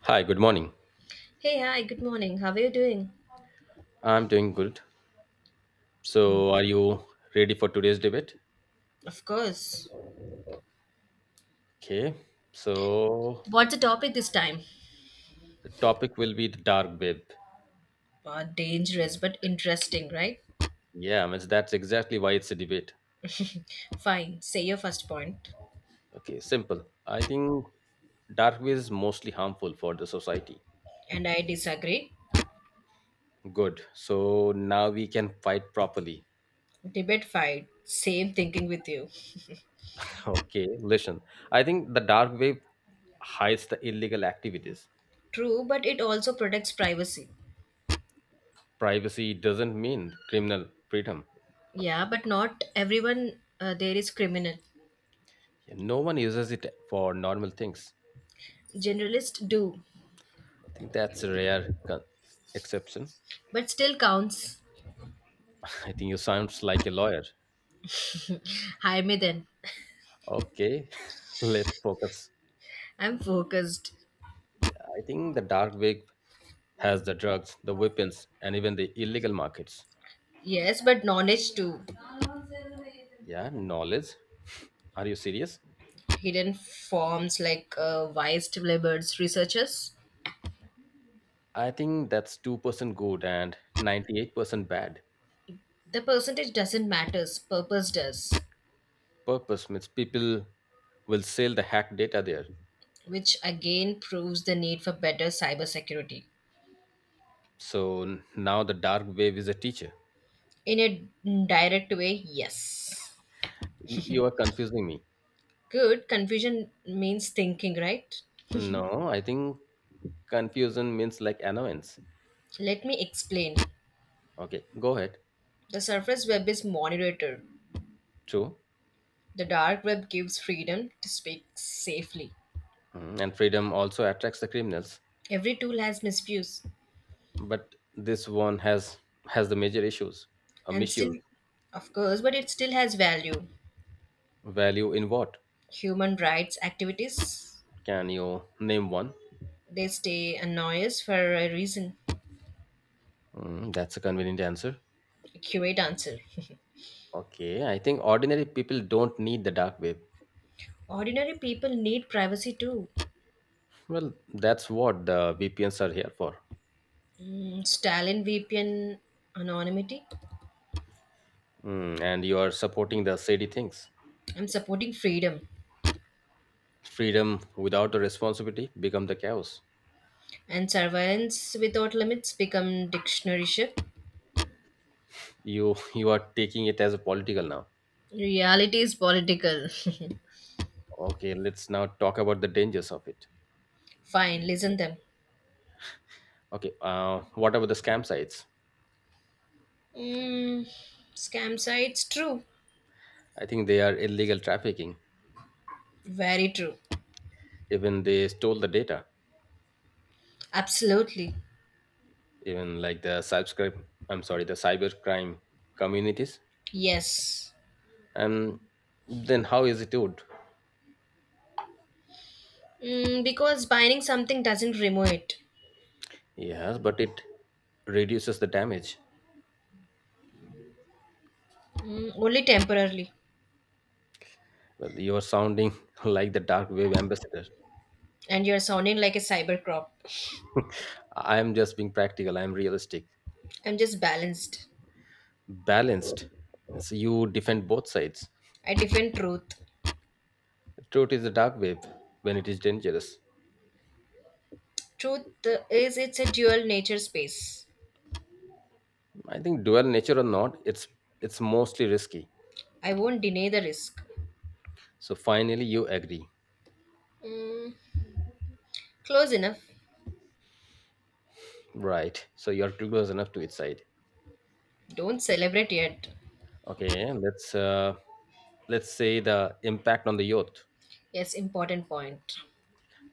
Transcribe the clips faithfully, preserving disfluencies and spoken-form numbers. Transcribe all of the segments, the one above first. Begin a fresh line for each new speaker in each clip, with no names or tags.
Hi, good morning.
Hey, hi, good morning. How are you doing?
I'm doing good. So, are you ready for today's debate?
Of course.
Okay. So,
What's the topic this time?
the topic will be the dark web.
Uh, dangerous but interesting, right?
Yeah, I mean, that's exactly why it's a debate.
Fine, say your first point.
Okay, simple. I think dark web is mostly harmful for the society.
And I disagree.
Good. So, now we can fight properly.
Debate fight. Same thinking with you.
Okay, listen. I think the dark web hides the illegal activities.
True, but it also protects privacy.
Privacy doesn't mean criminal freedom.
Yeah, but not everyone uh, there is criminal.
Yeah, no one uses it for normal things.
Generalists do,
I think that's a rare con- exception.
but still counts.
I think you sounds like a lawyer.
Hi, me then.
Okay, let's focus.
I'm focused.
I think the dark web has the drugs, the weapons, and even the illegal markets.
Yes, but knowledge too.
Yeah, knowledge. Are you serious?
Hidden forms like uh, wise labors, researchers.
I think that's two percent good and ninety-eight percent bad.
The percentage doesn't matter, purpose does,
Purpose means people will sell the hacked data there.
which again proves the need for better cybersecurity.
So n- now the dark web is a teacher.
In a direct way, yes.
You, you are confusing me.
Good, confusion means thinking, right?
No, I think confusion means like annoyance.
Let me explain.
Okay, go ahead.
The surface web is monitored.
True,
The dark web gives freedom to speak safely.
mm, and freedom also attracts the criminals.
Every tool has misuse,
But this one has has the major issues. A
and still,
misuse
of course, but it still has value.
value in what?
Human rights activities,
Can you name one?
they stay annoyed for a reason.
Mm, that's a convenient answer.
Accurate answer.
Okay, I think ordinary people don't need the dark web.
Ordinary people need privacy too.
Well, that's what the V P Ns are here for.
Mm, Stalin V P N anonymity.
Mm, and you are supporting the shady things.
I'm supporting freedom
Freedom without the responsibility become the chaos.
and surveillance without limits become dictionary ship.
You you are taking it as a political now.
Reality is political.
Okay, let's now talk about the dangers of it.
Fine, listen them.
Okay, uh, what about the scam sites?
Mm, scam sites, true.
I think they are illegal trafficking.
Very true.
Even they stole the data.
Absolutely.
Even like the subscribe, I'm sorry, the cybercrime communities.
Yes.
And then how is it good?
Mm, because buying something doesn't remove it.
Yes, but it reduces the damage.
Mm, only temporarily.
Well, you are sounding like the dark web ambassador.
And you're sounding like a cyber crop.
I am just being practical. I am realistic,
I'm just balanced.
balanced. So you defend both sides.
I defend truth.
The truth is the dark web when it is dangerous.
Truth is, it's a dual nature space.
I think dual nature or not, it's it's mostly risky.
I won't deny the risk.
So finally, you agree,
Close enough.
right? So you're too close enough to its side.
Don't celebrate yet.
Okay, let's uh, let's say the impact on the youth.
Yes, important point.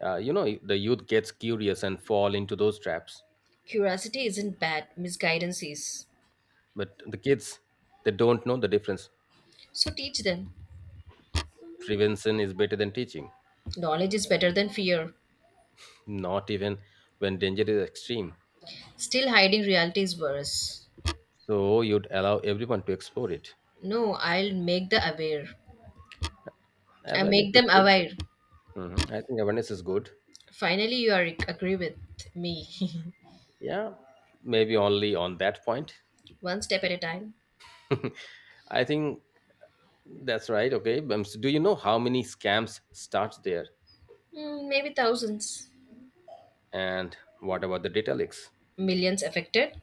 Uh, you know, the youth gets curious and fall into those traps,
Curiosity isn't bad, misguidance is.
but the kids they don't know the difference.
So teach them.
Prevention is better than teaching,
Knowledge is better than fear.
not even when danger is extreme.
Still hiding reality is worse.
So you'd allow everyone to explore it.
No, I'll make the aware. I make
Awareness is
them
good.
aware.
Mhm. I think awareness is good.
Finally, you are agree with me.
Yeah, maybe only on that point.
One step at a time.
I think that's right. Okay. Um, so do you know how many scams starts there?
Mm, maybe thousands.
And what about the data leaks?
Millions affected.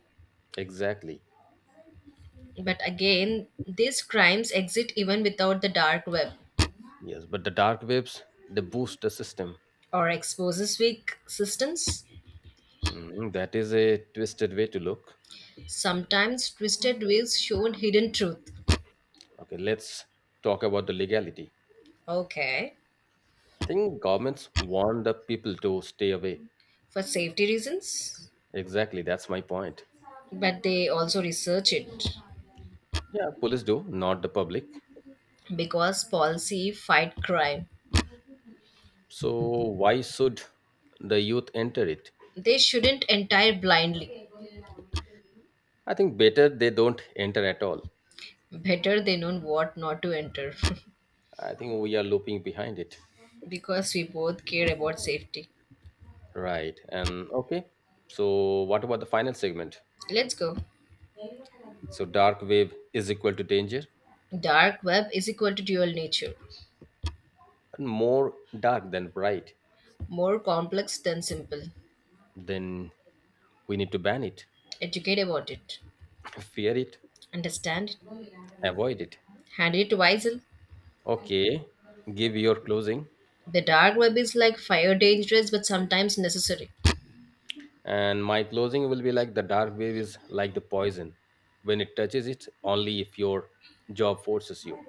Exactly.
But again, these crimes exist even without the dark web
Yes, but the dark webs they boost the system.
or exposes weak systems.
Mhm, that is a twisted way to look.
Sometimes twisted ways show hidden truth.
Okay, let's talk about the legality.
Okay,
I think governments want the people to stay away.
for safety reasons,
Exactly, that's my point.
but they also research it
Yeah, police do, not the public.
because policy fight crime.
So why should the youth enter it?
They shouldn't enter blindly.
I think better they don't enter at all.
Better they know what not to enter,
I think we are looping behind it.
because we both care about safety.
Right. And okay. So what about the final segment?
Let's go.
So dark wave is equal to danger
Dark web is equal to dual nature,
and more dark than bright.
more complex than simple.
Then we need to ban it,
Educate about it,
fear it,
understand it,
avoid it.
hand it wisely.
Okay. Give your closing.
The dark web is like fire, dangerous but sometimes necessary.
And my closing will be like the dark wave is like the poison. When it touches it, only if your job forces you.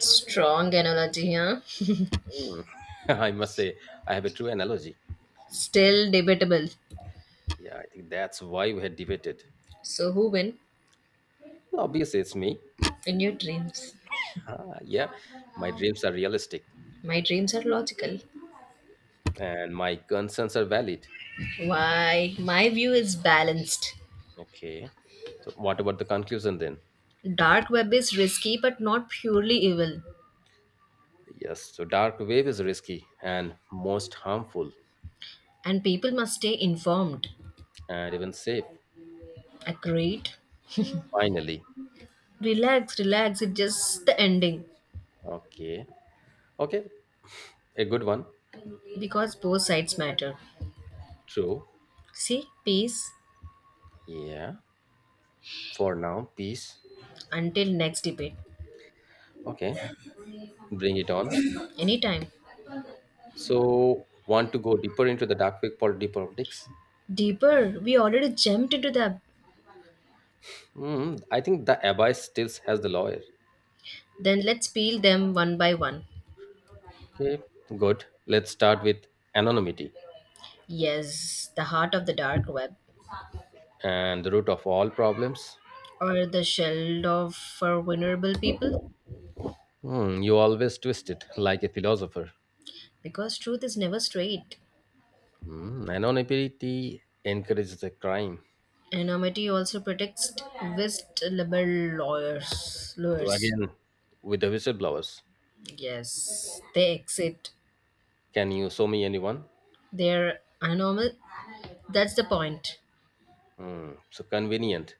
Strong analogy, huh?
Hmm. I must say, I have a true analogy.
Still debatable.
Yeah, I think that's why we had debated.
So, who win
Obviously, it's me.
in your dreams?
Ah, yeah, my dreams are realistic,
My dreams are logical.
and my concerns are valid.
Why? My view is balanced.
Okay. So, what about the conclusion then?
Dark web is risky but not purely evil,
Yes. So, dark web is risky and most harmful
and people must stay informed.
and even safe.
Agreed?
Finally.
Relax, relax. It's just the ending
Okay. Okay. A good one.
because both sides matter.
True.
See, peace.
Yeah. For now, peace.
Until next debate,
Okay. Bring it on.
anytime.
So, want to go deeper into the dark web pol- deep politics?
Deeper, we already jumped into them.
Hmm. I think the abyss still has the lawyer.
Then let's peel them one by one.
Okay. Good. Let's start with anonymity
Yes, the heart of the dark web,
and the root of all problems.
or the shell of for vulnerable people,
Hmm, you always twist it like a philosopher.
because truth is never straight.
Hmm, anonymity encourages the crime.
Anonymity also protects whistleblower lawyers.
So
lawyers.
again, with the whistleblowers,
Yes, they exit.
can you show me anyone?
They're anonymous. That's the point.
Hmm, so convenient.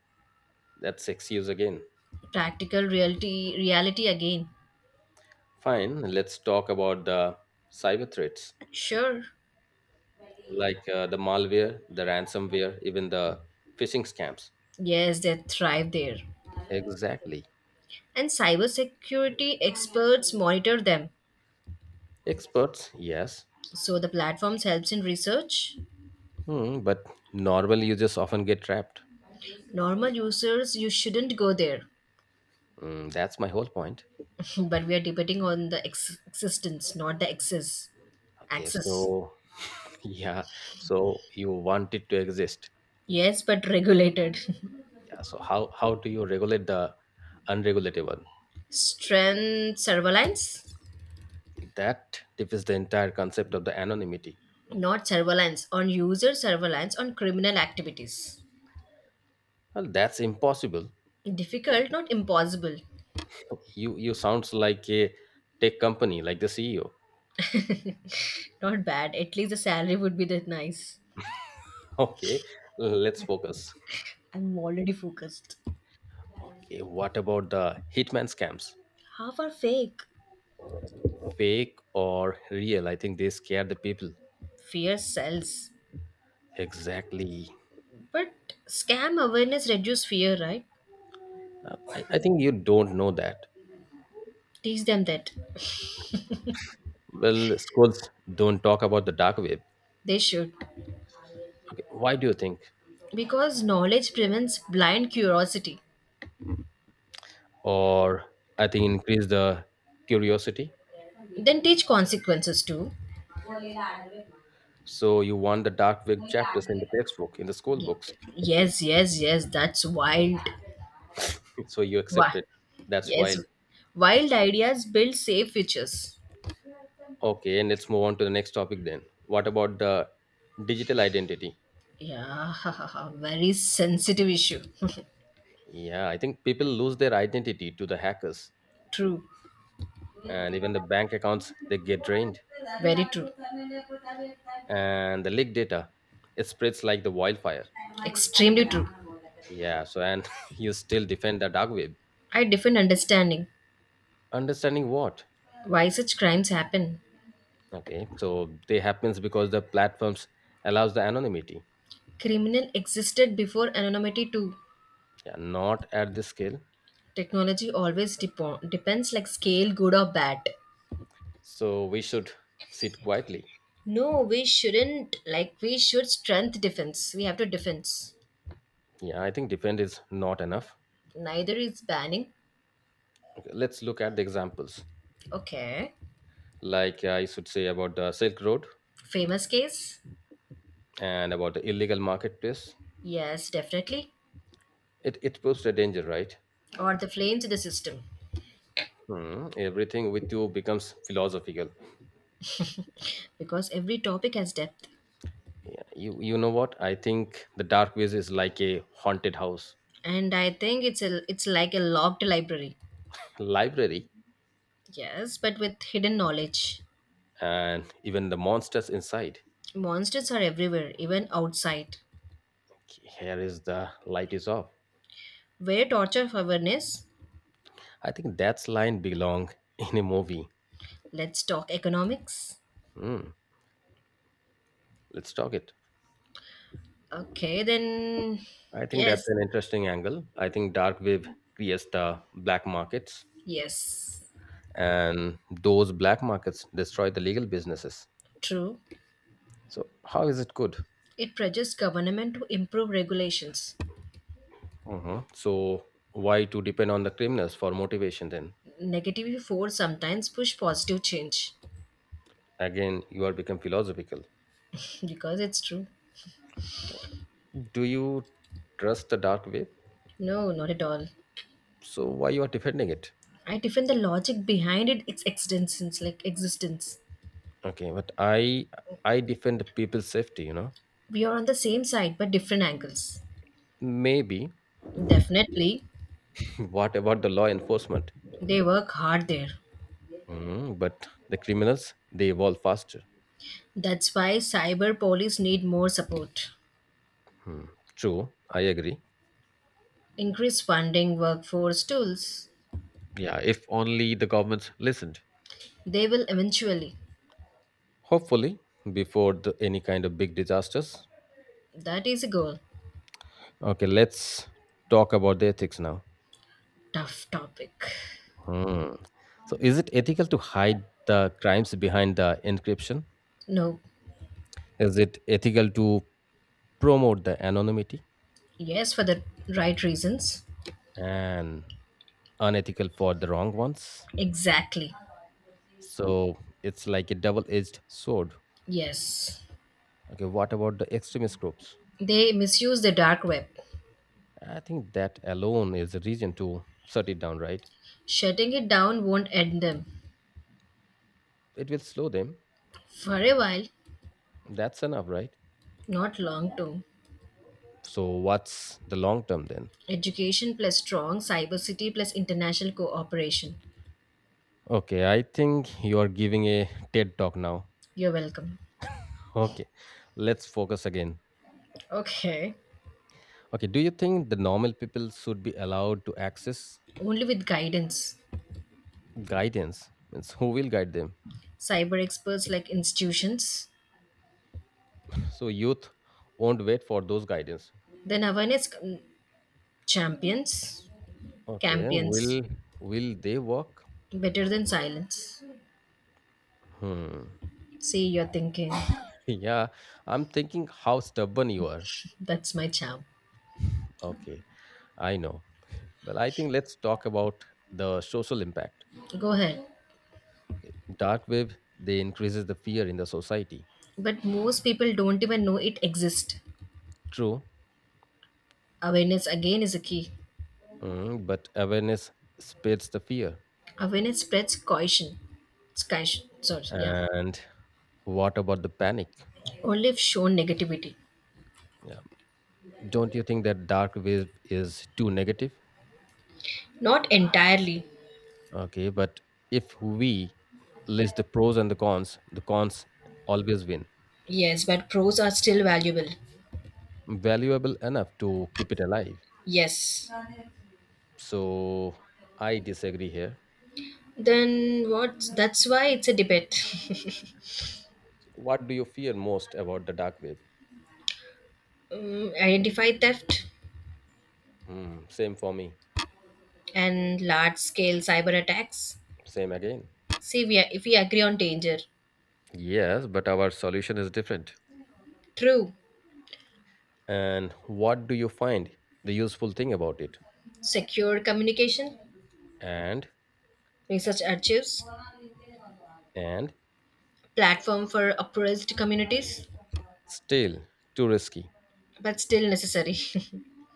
That's excuse again.
Practical reality, reality again.
Fine. Let's talk about the cyber threats,
Sure.
like uh, the malware, the ransomware, even the phishing scams.
Yes, they thrive there.
Exactly.
And cybersecurity experts monitor them.
Experts, yes.
So the platforms helps in research.
Hmm, but normal users often get trapped.
Normal users, you shouldn't go there,
Mm, that's my whole point.
but we are debating on the ex- existence, not the access.
Okay,
Access,
so yeah, so you want it to exist.
yes, but regulated.
Yeah, so how how do you regulate the unregulatable?
Strength surveillance,
That defeats the entire concept of the anonymity.
not surveillance on user surveillance on criminal activities.
Well, that's impossible.
Difficult, not impossible.
You you sounds like a tech company, like the C E O.
Not bad. At least the salary would be that nice.
Okay, let's focus.
I'm already focused.
Okay, what about the hitman scams?
Half are fake.
Fake or real? I think they scare the people.
Fear sells.
Exactly.
But scam awareness reduce fear, right?
Uh, I, I think you don't know that.
Teach them that.
Well, schools don't talk about the dark web.
They should.
Okay, why do you think?
Because knowledge prevents blind curiosity.
Or I think increase the curiosity.
Then teach consequences too.
So you want the dark web chapters in the textbook, in the school
Y-
books.
Yes, yes, yes, that's wild.
So you
Why?
accept it. That's
Yes,
wild.
wild ideas build safe futures.
Okay, and let's move on to the next topic then. What about the digital identity?
Yeah, very sensitive issue.
Yeah, I think people lose their identity to the hackers,
True,
and even the bank accounts they get drained,
very true.
and the leaked data it spreads like the wildfire.
Extremely true.
Yeah, so and you still defend the dark web.
I different understanding.
Understanding what?
Why such crimes happen?
Okay, so they happens because the platforms allows the anonymity.
Criminal existed before anonymity too.
Yeah, not at this scale.
Technology always depo- depends like scale, good or bad.
So we should sit quietly.
No, we shouldn't. Like we should strength defense. We have to defense.
Yeah, I think defend is not enough.
Neither is banning.
Okay, let's look at the examples.
Okay.
Like uh, I should say about the Silk Road
Famous case?
and about the illegal marketplace.
Yes, definitely.
It it proves the danger, right?
Or the flames in the system.
Hmm, everything with you becomes philosophical.
Because every topic has depth.
Yeah, you you know what? I think the dark ways is like a haunted house,
And I think it's a it's like a locked library.
library,
Yes, but with hidden knowledge.
and even the monsters inside.
Monsters are everywhere, even outside.
Here is the light is off.
Where torture awareness?
I think that's line belong in a movie.
Let's talk economics.
Hmm, let's talk it.
Okay, then
I think that's
yes,
an interesting angle. I think dark web creates the black markets,
yes,
and those black markets destroy the legal businesses.
true.
So how is it good?
It pressures government to improve regulations.
Mhm. So why to depend on the criminals for motivation? Then
Negative force sometimes push positive change
again, you are become philosophical.
because it's true.
Do you trust the dark web?
No, not at all.
So why you are defending it?
I defend the logic behind it, its existence, like existence.
Okay, but I I defend people's safety. You know,
We are on the same side but different angles.
maybe.
Definitely,
What about the law enforcement?
they work hard there.
Mm, but the criminals, they evolve faster.
That's why cyber police need more support.
Hmm. True, I agree.
Increase funding, workforce, tools.
Yeah, if only the governments listened.
They will eventually.
Hopefully, before the, any kind of big disasters.
That is a goal.
Okay, let's talk about the ethics now.
Tough topic.
Hmm. So, is it ethical to hide the crimes behind the encryption?
No.
Is it ethical to promote the anonymity
Yes, for the right reasons.
and unethical for the wrong ones?
Exactly.
So, it's like a double edged sword.
Yes.
Okay, what about the extremist groups?
They misuse the dark web.
I think that alone is a reason to shut it down, right?
Shutting it down won't end them.
It will slow them.
For a while,
That's enough, right?
not long term.
So, what's the long term then?
Education plus strong cyber city plus international cooperation.
Okay, I think you are giving a TED talk now.
You're welcome.
Okay, let's focus again.
Okay.
Okay, do you think the normal people should be allowed to access
Only with guidance.
guidance? Means who will guide them?
Cyber experts like institutions.
So, youth won't wait for those guidance.
Then awareness Champions,
Okay,
campions,
will will they work?
better than silence.
Hmm.
See, you're thinking,
Yeah, I'm thinking how stubborn you are.
that's my charm.
Okay, I know. Well, I think let's talk about the social impact.
Go ahead.
Okay. Dark web they increases the fear in the society.
But most people don't even know it exists.
True,
Awareness again is a key.
mm, but awareness spreads the fear.
Awareness spreads caution. It's caution, sorry, yeah.
And what about the panic?
Only if shown negativity.
Yeah, don't you think that dark web is too negative?
Not entirely.
Okay, but if we list the pros and the cons, the cons always win.
Yes, but pros are still valuable.
Valuable enough to keep it alive.
Yes.
So I disagree here.
Then what? That's why it's a debate.
What do you fear most about the dark web?
Mm, Identify theft
Mm, same for me.
and large scale cyber attacks.
Same again.
See, we, if we agree on danger,
Yes, but our solution is different.
true,
And what do you find the useful thing about it?
secure communication,
And
research archives,
and
platform for oppressed communities,
still too risky.
but still necessary.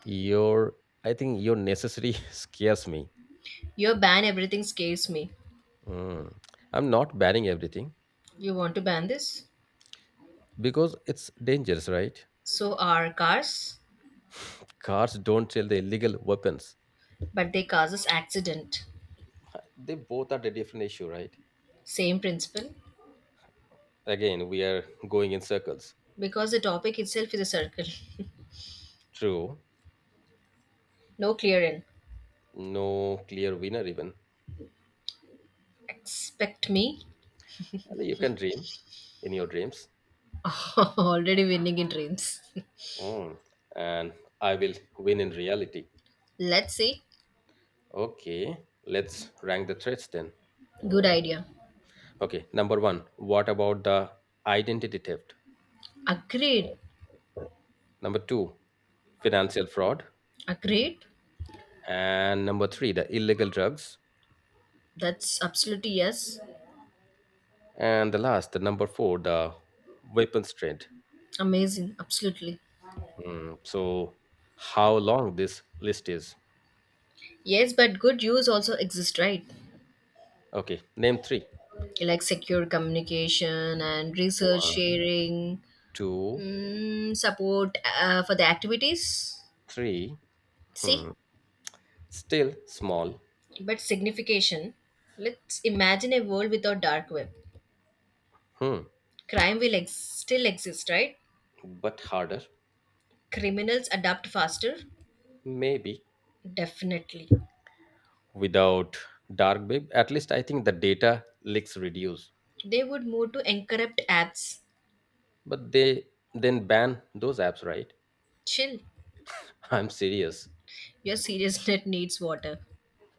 Your I think your necessity scares me.
Your ban everything scares me.
Mm. I'm not banning everything
You want to ban this?
because it's dangerous, right?
So are cars,
Cars don't sell the illegal weapons.
but they cause us accident.
They both are the different issue, right?
Same principle,
Again, we are going in circles.
because the topic itself is a circle.
True.
No clear end.
No clear winner even.
Expect me
You can dream in your dreams.
already winning in dreams.
Mm, and I will win in reality.
Let's see.
Okay, let's rank the threats then.
Good idea.
Okay, number one, what about the identity theft?
Agreed.
Number two, financial fraud.
Agreed.
And number three, the illegal drugs.
That's absolutely yes.
And the last, the number four, the weapons trade.
Amazing, absolutely.
Hmm, so, how long this list is?
Yes, but good use also exists, right?
Okay, name three.
Like secure communication and research
One,
sharing,
two,
mm, support uh, for the activities.
three.
See,
Hmm. Still small.
but signification. Let's imagine a world without dark web.
Hmm.
Crime will ex- still exist, right?
But harder.
Criminals adapt faster,
Maybe.
definitely.
Without dark web, at least I think the data leaks reduce,
They would move to encrypt apps.
but they then ban those apps, right?
Chill.
I'm serious.
Your serious net needs water.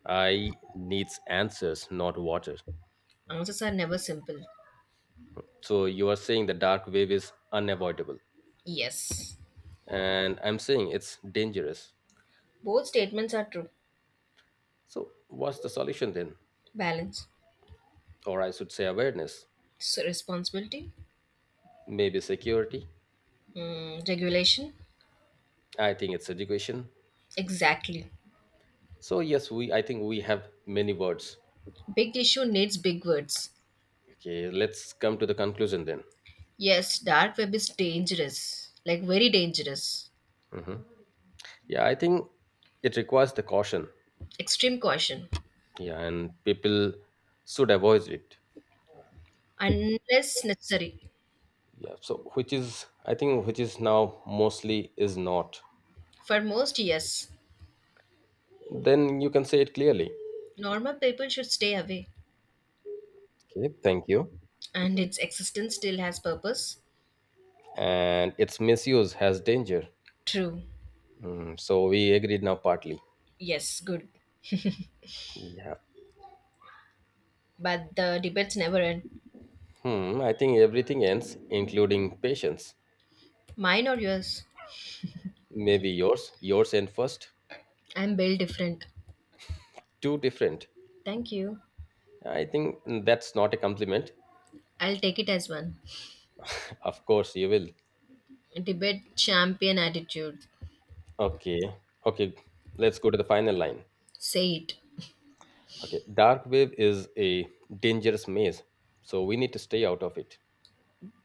I needs answers, not water.
Answers are never simple.
So you are saying the dark web is unavoidable,
Yes,
and I'm saying it's dangerous.
both statements are true.
So what's the solution then?
Balance,
Or I should say awareness,
so responsibility,
maybe security.
mm, regulation.
I think it's education.
Exactly.
So yes, we I think we have many words.
Big issue needs big words.
Okay, let's come to the conclusion then.
Yes, dark web is dangerous, like very dangerous.
Mhm. Yeah, I think it requires the caution.
Extreme caution,
Yeah, and people should avoid it.
unless necessary.
Yeah, so which is I think which is now mostly is not.
For most, yes.
Then you can say it clearly.
Normal people should stay away,
Okay, thank you.
and its existence still has purpose.
And its misuse has danger.
True.
Mm, so we agreed now partly.
Yes, good.
Yeah.
But the debates never end.
Hmm. I think everything ends, including patience.
Mine or yours?
Maybe yours. Yours end first.
I'm built different.
Two different.
Thank you.
I think that's not a compliment.
I'll take it as one.
Of course you will.
Debate champion attitude.
Okay, okay, let's go to the final line.
Say it.
Okay, dark web is a dangerous maze, so we need to stay out of it.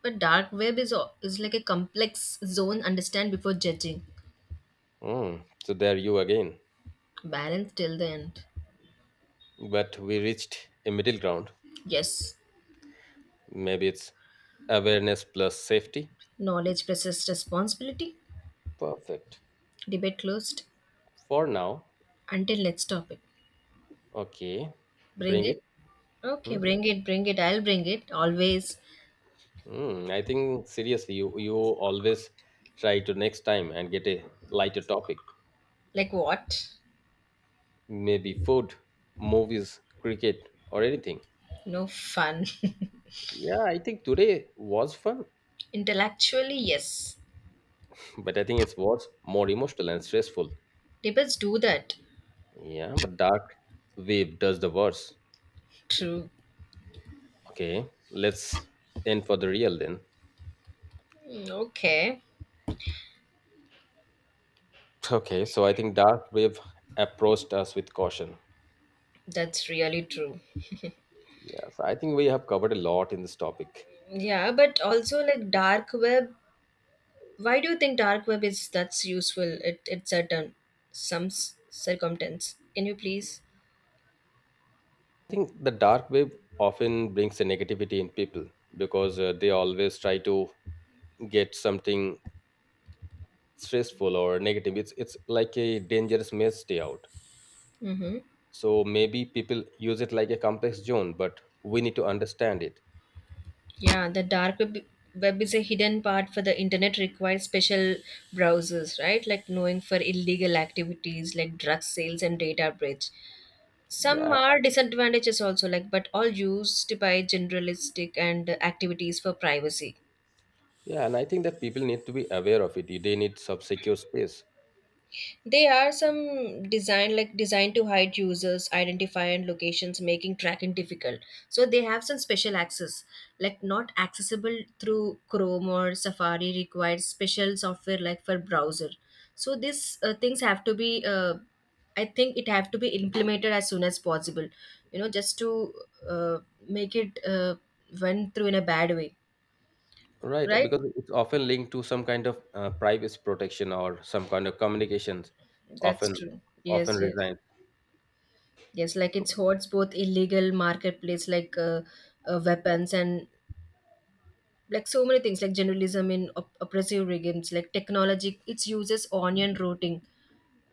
But dark web is al- is like a complex zone. Understand before judging.
Mm, so there you again.
Balance till the end.
But we reached a middle ground.
Yes.
Maybe it's awareness plus safety.
Knowledge versus responsibility.
Perfect.
Debate closed.
For now,
Until let's stop it.
okay,
Bring
bring
it.
it.
Okay,
Hmm.
bring it, bring it. I'll bring it. Always.
Mm, I think seriously, you, you always try to next time and get a lighter topic.
Like what?
Maybe food, movies, cricket, or anything.
No fun.
Yeah, I think today was fun,
Intellectually, yes.
but I think it was more emotional and stressful.
Debates do that.
Yeah, but dark wave does the worst.
True.
Okay, let's end for the real then.
Mm, okay.
Okay, so I think dark wave approached us with caution.
That's really true.
Yes, I think we have covered a lot in this topic.
Yeah, but also like dark web. Why do you think dark web is that's useful? It it's certain some s- circumstance. Can you please?
I think the dark web often brings a negativity in people because uh, they always try to get something stressful or negative. It's it's like a dangerous may stay out.
Mm-hmm.
So maybe people use it like a complex zone, but we need to understand it.
Yeah, the dark web web is a hidden part for the internet requires special browsers, right? Like knowing for illegal activities like drug sales and data breach. Some
Yeah,
are disadvantages also, like but all used by generalistic and activities for privacy.
yeah, and I think that people need to be aware of it. They need some secure space.
They are some design like designed to hide users, identify and locations, making tracking difficult. So they have some special access, like not accessible through Chrome or Safari requires special software like for browser. So these uh, things have to be, uh, I think it have to be implemented as soon as possible. You know, just to uh, make it uh, went through in a bad way,
Right,
right?
because it's often linked to some kind of uh, privacy protection or some kind of communications,
That's
often
true.
often
Yes, yes.
resign.
Yes, like it
So
hoards both illegal marketplace like uh, uh, weapons and like so many things like journalism in op- oppressive regimes like technology. It uses onion routing,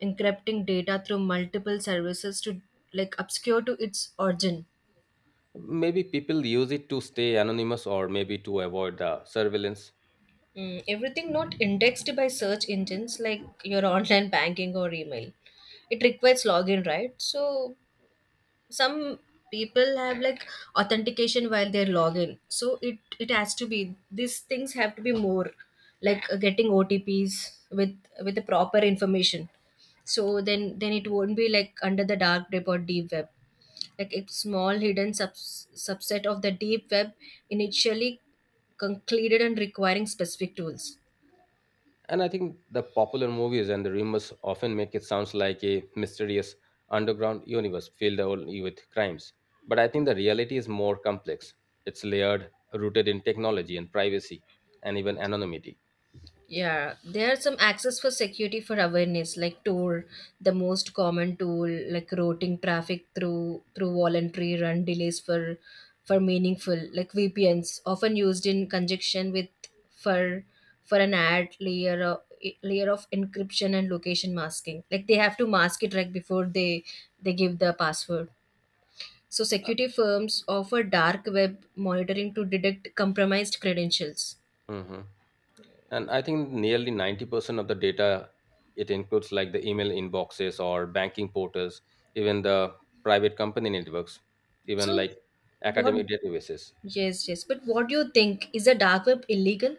encrypting data through multiple services to like obscure to its origin.
maybe people use it to stay anonymous or maybe to avoid the surveillance.
Mm, everything not indexed by search engines like your online banking or email. It requires login, right? So some people have like authentication while they're login so it it has to be these things have to be more like uh, getting otps with with the proper information so then then it won't be like under the dark web or deep web like a small hidden subs- subset of the deep web initially concluded and requiring specific tools.
And I think the popular movies and the rumors often make it sounds like a mysterious underground universe filled only with crimes. But I think the reality is more complex. It's layered, rooted in technology and privacy, and even anonymity.
Yeah, there are some access for security for awareness like tour, the most common tool like routing traffic through through voluntary run delays for for meaningful like V P Ns often used in conjunction with for for an ad layer of layer of encryption and location masking. Like they have to mask it right before they they give the password. So security firms offer dark web monitoring to detect compromised credentials.
Hmm. And I think nearly ninety percent of the data, it includes, like, the email inboxes or banking portals, even the private company networks, even
So
like
what?
academic databases.
Yes, yes. But what do you think? Is the dark web illegal?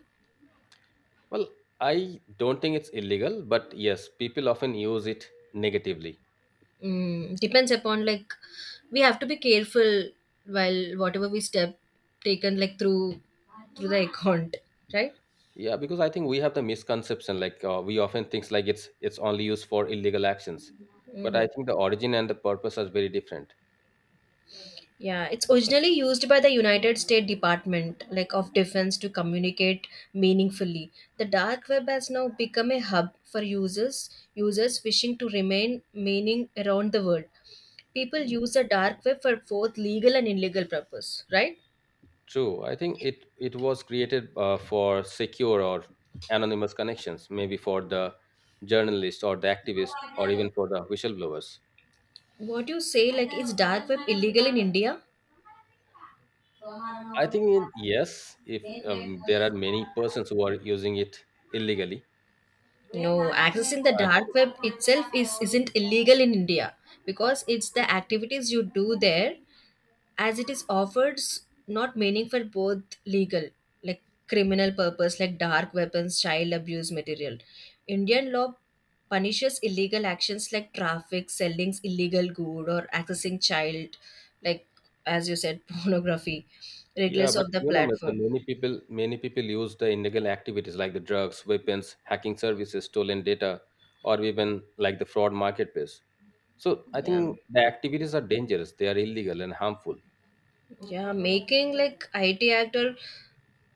Well, I don't think it's illegal, but yes, people often use it negatively.
Mm, depends upon like we have to be careful while whatever we step taken like through through the account, right?
Yeah, because I think we have the misconception like uh, we often think like it's it's only used for illegal actions. But
Mm.
I think the origin and the purpose are very different.
Yeah, it's originally used by the United States Department like of Defense to communicate meaningfully. The dark web has now become a hub for users users wishing to remain meaning around the world. People use the dark web for both legal and illegal purpose, right?
True, I think it it was created uh, for secure or anonymous connections, maybe for the journalist or the activist or even for the whistleblowers.
What you say, like, is dark web illegal in India?
I think in, yes, if um, there are many persons who are using it illegally.
No, accessing the dark web itself is isn't illegal in India because it's the activities you do there as it is offered s- not meaning for both legal like criminal purpose like dark weapons, child abuse material. Indian law punishes illegal actions like traffic, selling illegal good or accessing child like, as you said, pornography
Yeah,
regardless
but
of the
you know, but
platform.
many people many people use the illegal activities like the drugs, weapons, hacking services, stolen data, or even like the fraud marketplace. So I
Yeah.
think the activities are dangerous. They are illegal and harmful.
Yeah, making like I T actor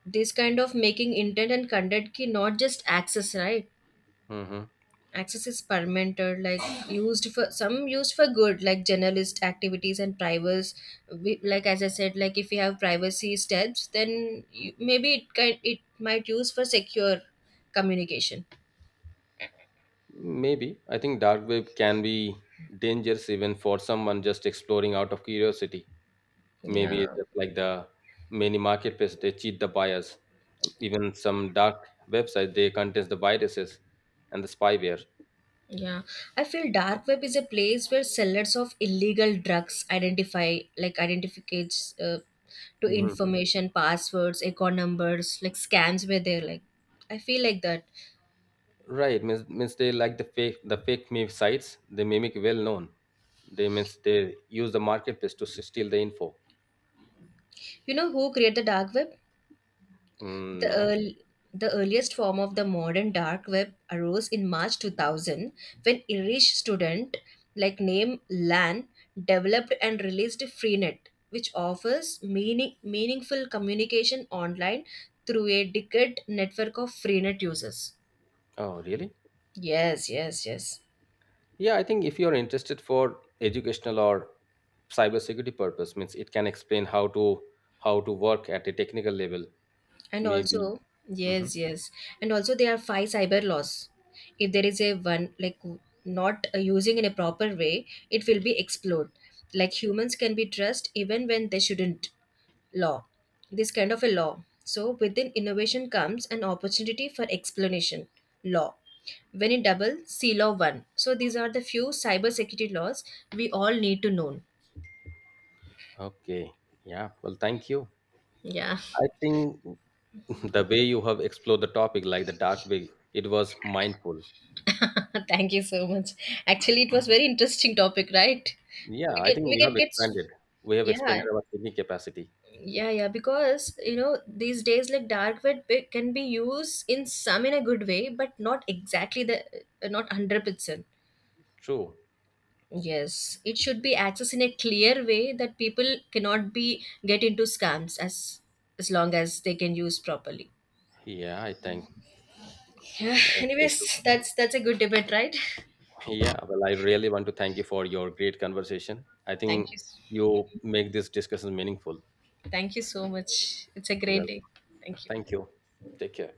this kind of making intent and content key not just access, right?
Hmm.
Access is permitted, like used for some used for good, like journalist activities and privacy. We, like as I said, like if you have privacy steps, then you, maybe it can it might use for secure communication.
Maybe I think dark web can be dangerous even for someone just exploring out of curiosity. Maybe
Yeah,
just like the many marketplaces, they cheat the buyers. Even some dark websites, they contains the viruses and the spyware.
yeah, I feel dark web is a place where sellers of illegal drugs identify like identificates uh, to information, passwords, account numbers, like scams where they're like I feel like that.
Right, means means they like the fake the fake meme sites. They mimic well known. They means they use the marketplace to s- steal the info.
You know who created the dark web?
Mm,
The,
no.
earl- the earliest form of the modern dark web arose in March two thousand when Irish student like name Lan developed and released Freenet, which offers meaning, meaningful communication online through a decade network of Freenet users.
Oh, really?
Yes, yes, yes.
Yeah, I think if you are interested for educational or cybersecurity purpose, means it can explain how to how to work at a technical level.
And
Maybe.
also,
Mhm.
yes, yes. And also, there are five cyber laws. If there is a one, like w- not uh, using in a proper way, it will be explored. Like humans can be trusted even when they shouldn't. Law. This kind of a law. So, within innovation comes an opportunity for explanation. Law. When in double, C law one. So, these are the few cyber security laws we all need to know.
Okay. Yeah. Well, thank you.
Yeah.
I think the way you have explored the topic, like the dark way, it was mindful.
Thank you so much. Actually, it was very interesting topic, right?
Yeah,
We
I
can
think
we
we
can
have
get s-
expanded. We have expanded
yeah,
our thinking capacity.
yeah, yeah, because you know these days like dark web be- can be used in some in a good way, but not exactly the uh, not one hundred percent.
True.
Yes, it should be accessed in a clear way that people cannot be get into scams as as long as they can use properly.
Yeah, I think.
Yeah,
Yeah, so true.
anyways, that's that's a good debate, right?
Yeah, well, I really want to thank you for your great conversation. I
Thank
think
you.
you make this discussion meaningful.
Thank you so much. It's a great
Well,
day. Thank you.
thank you. Take care.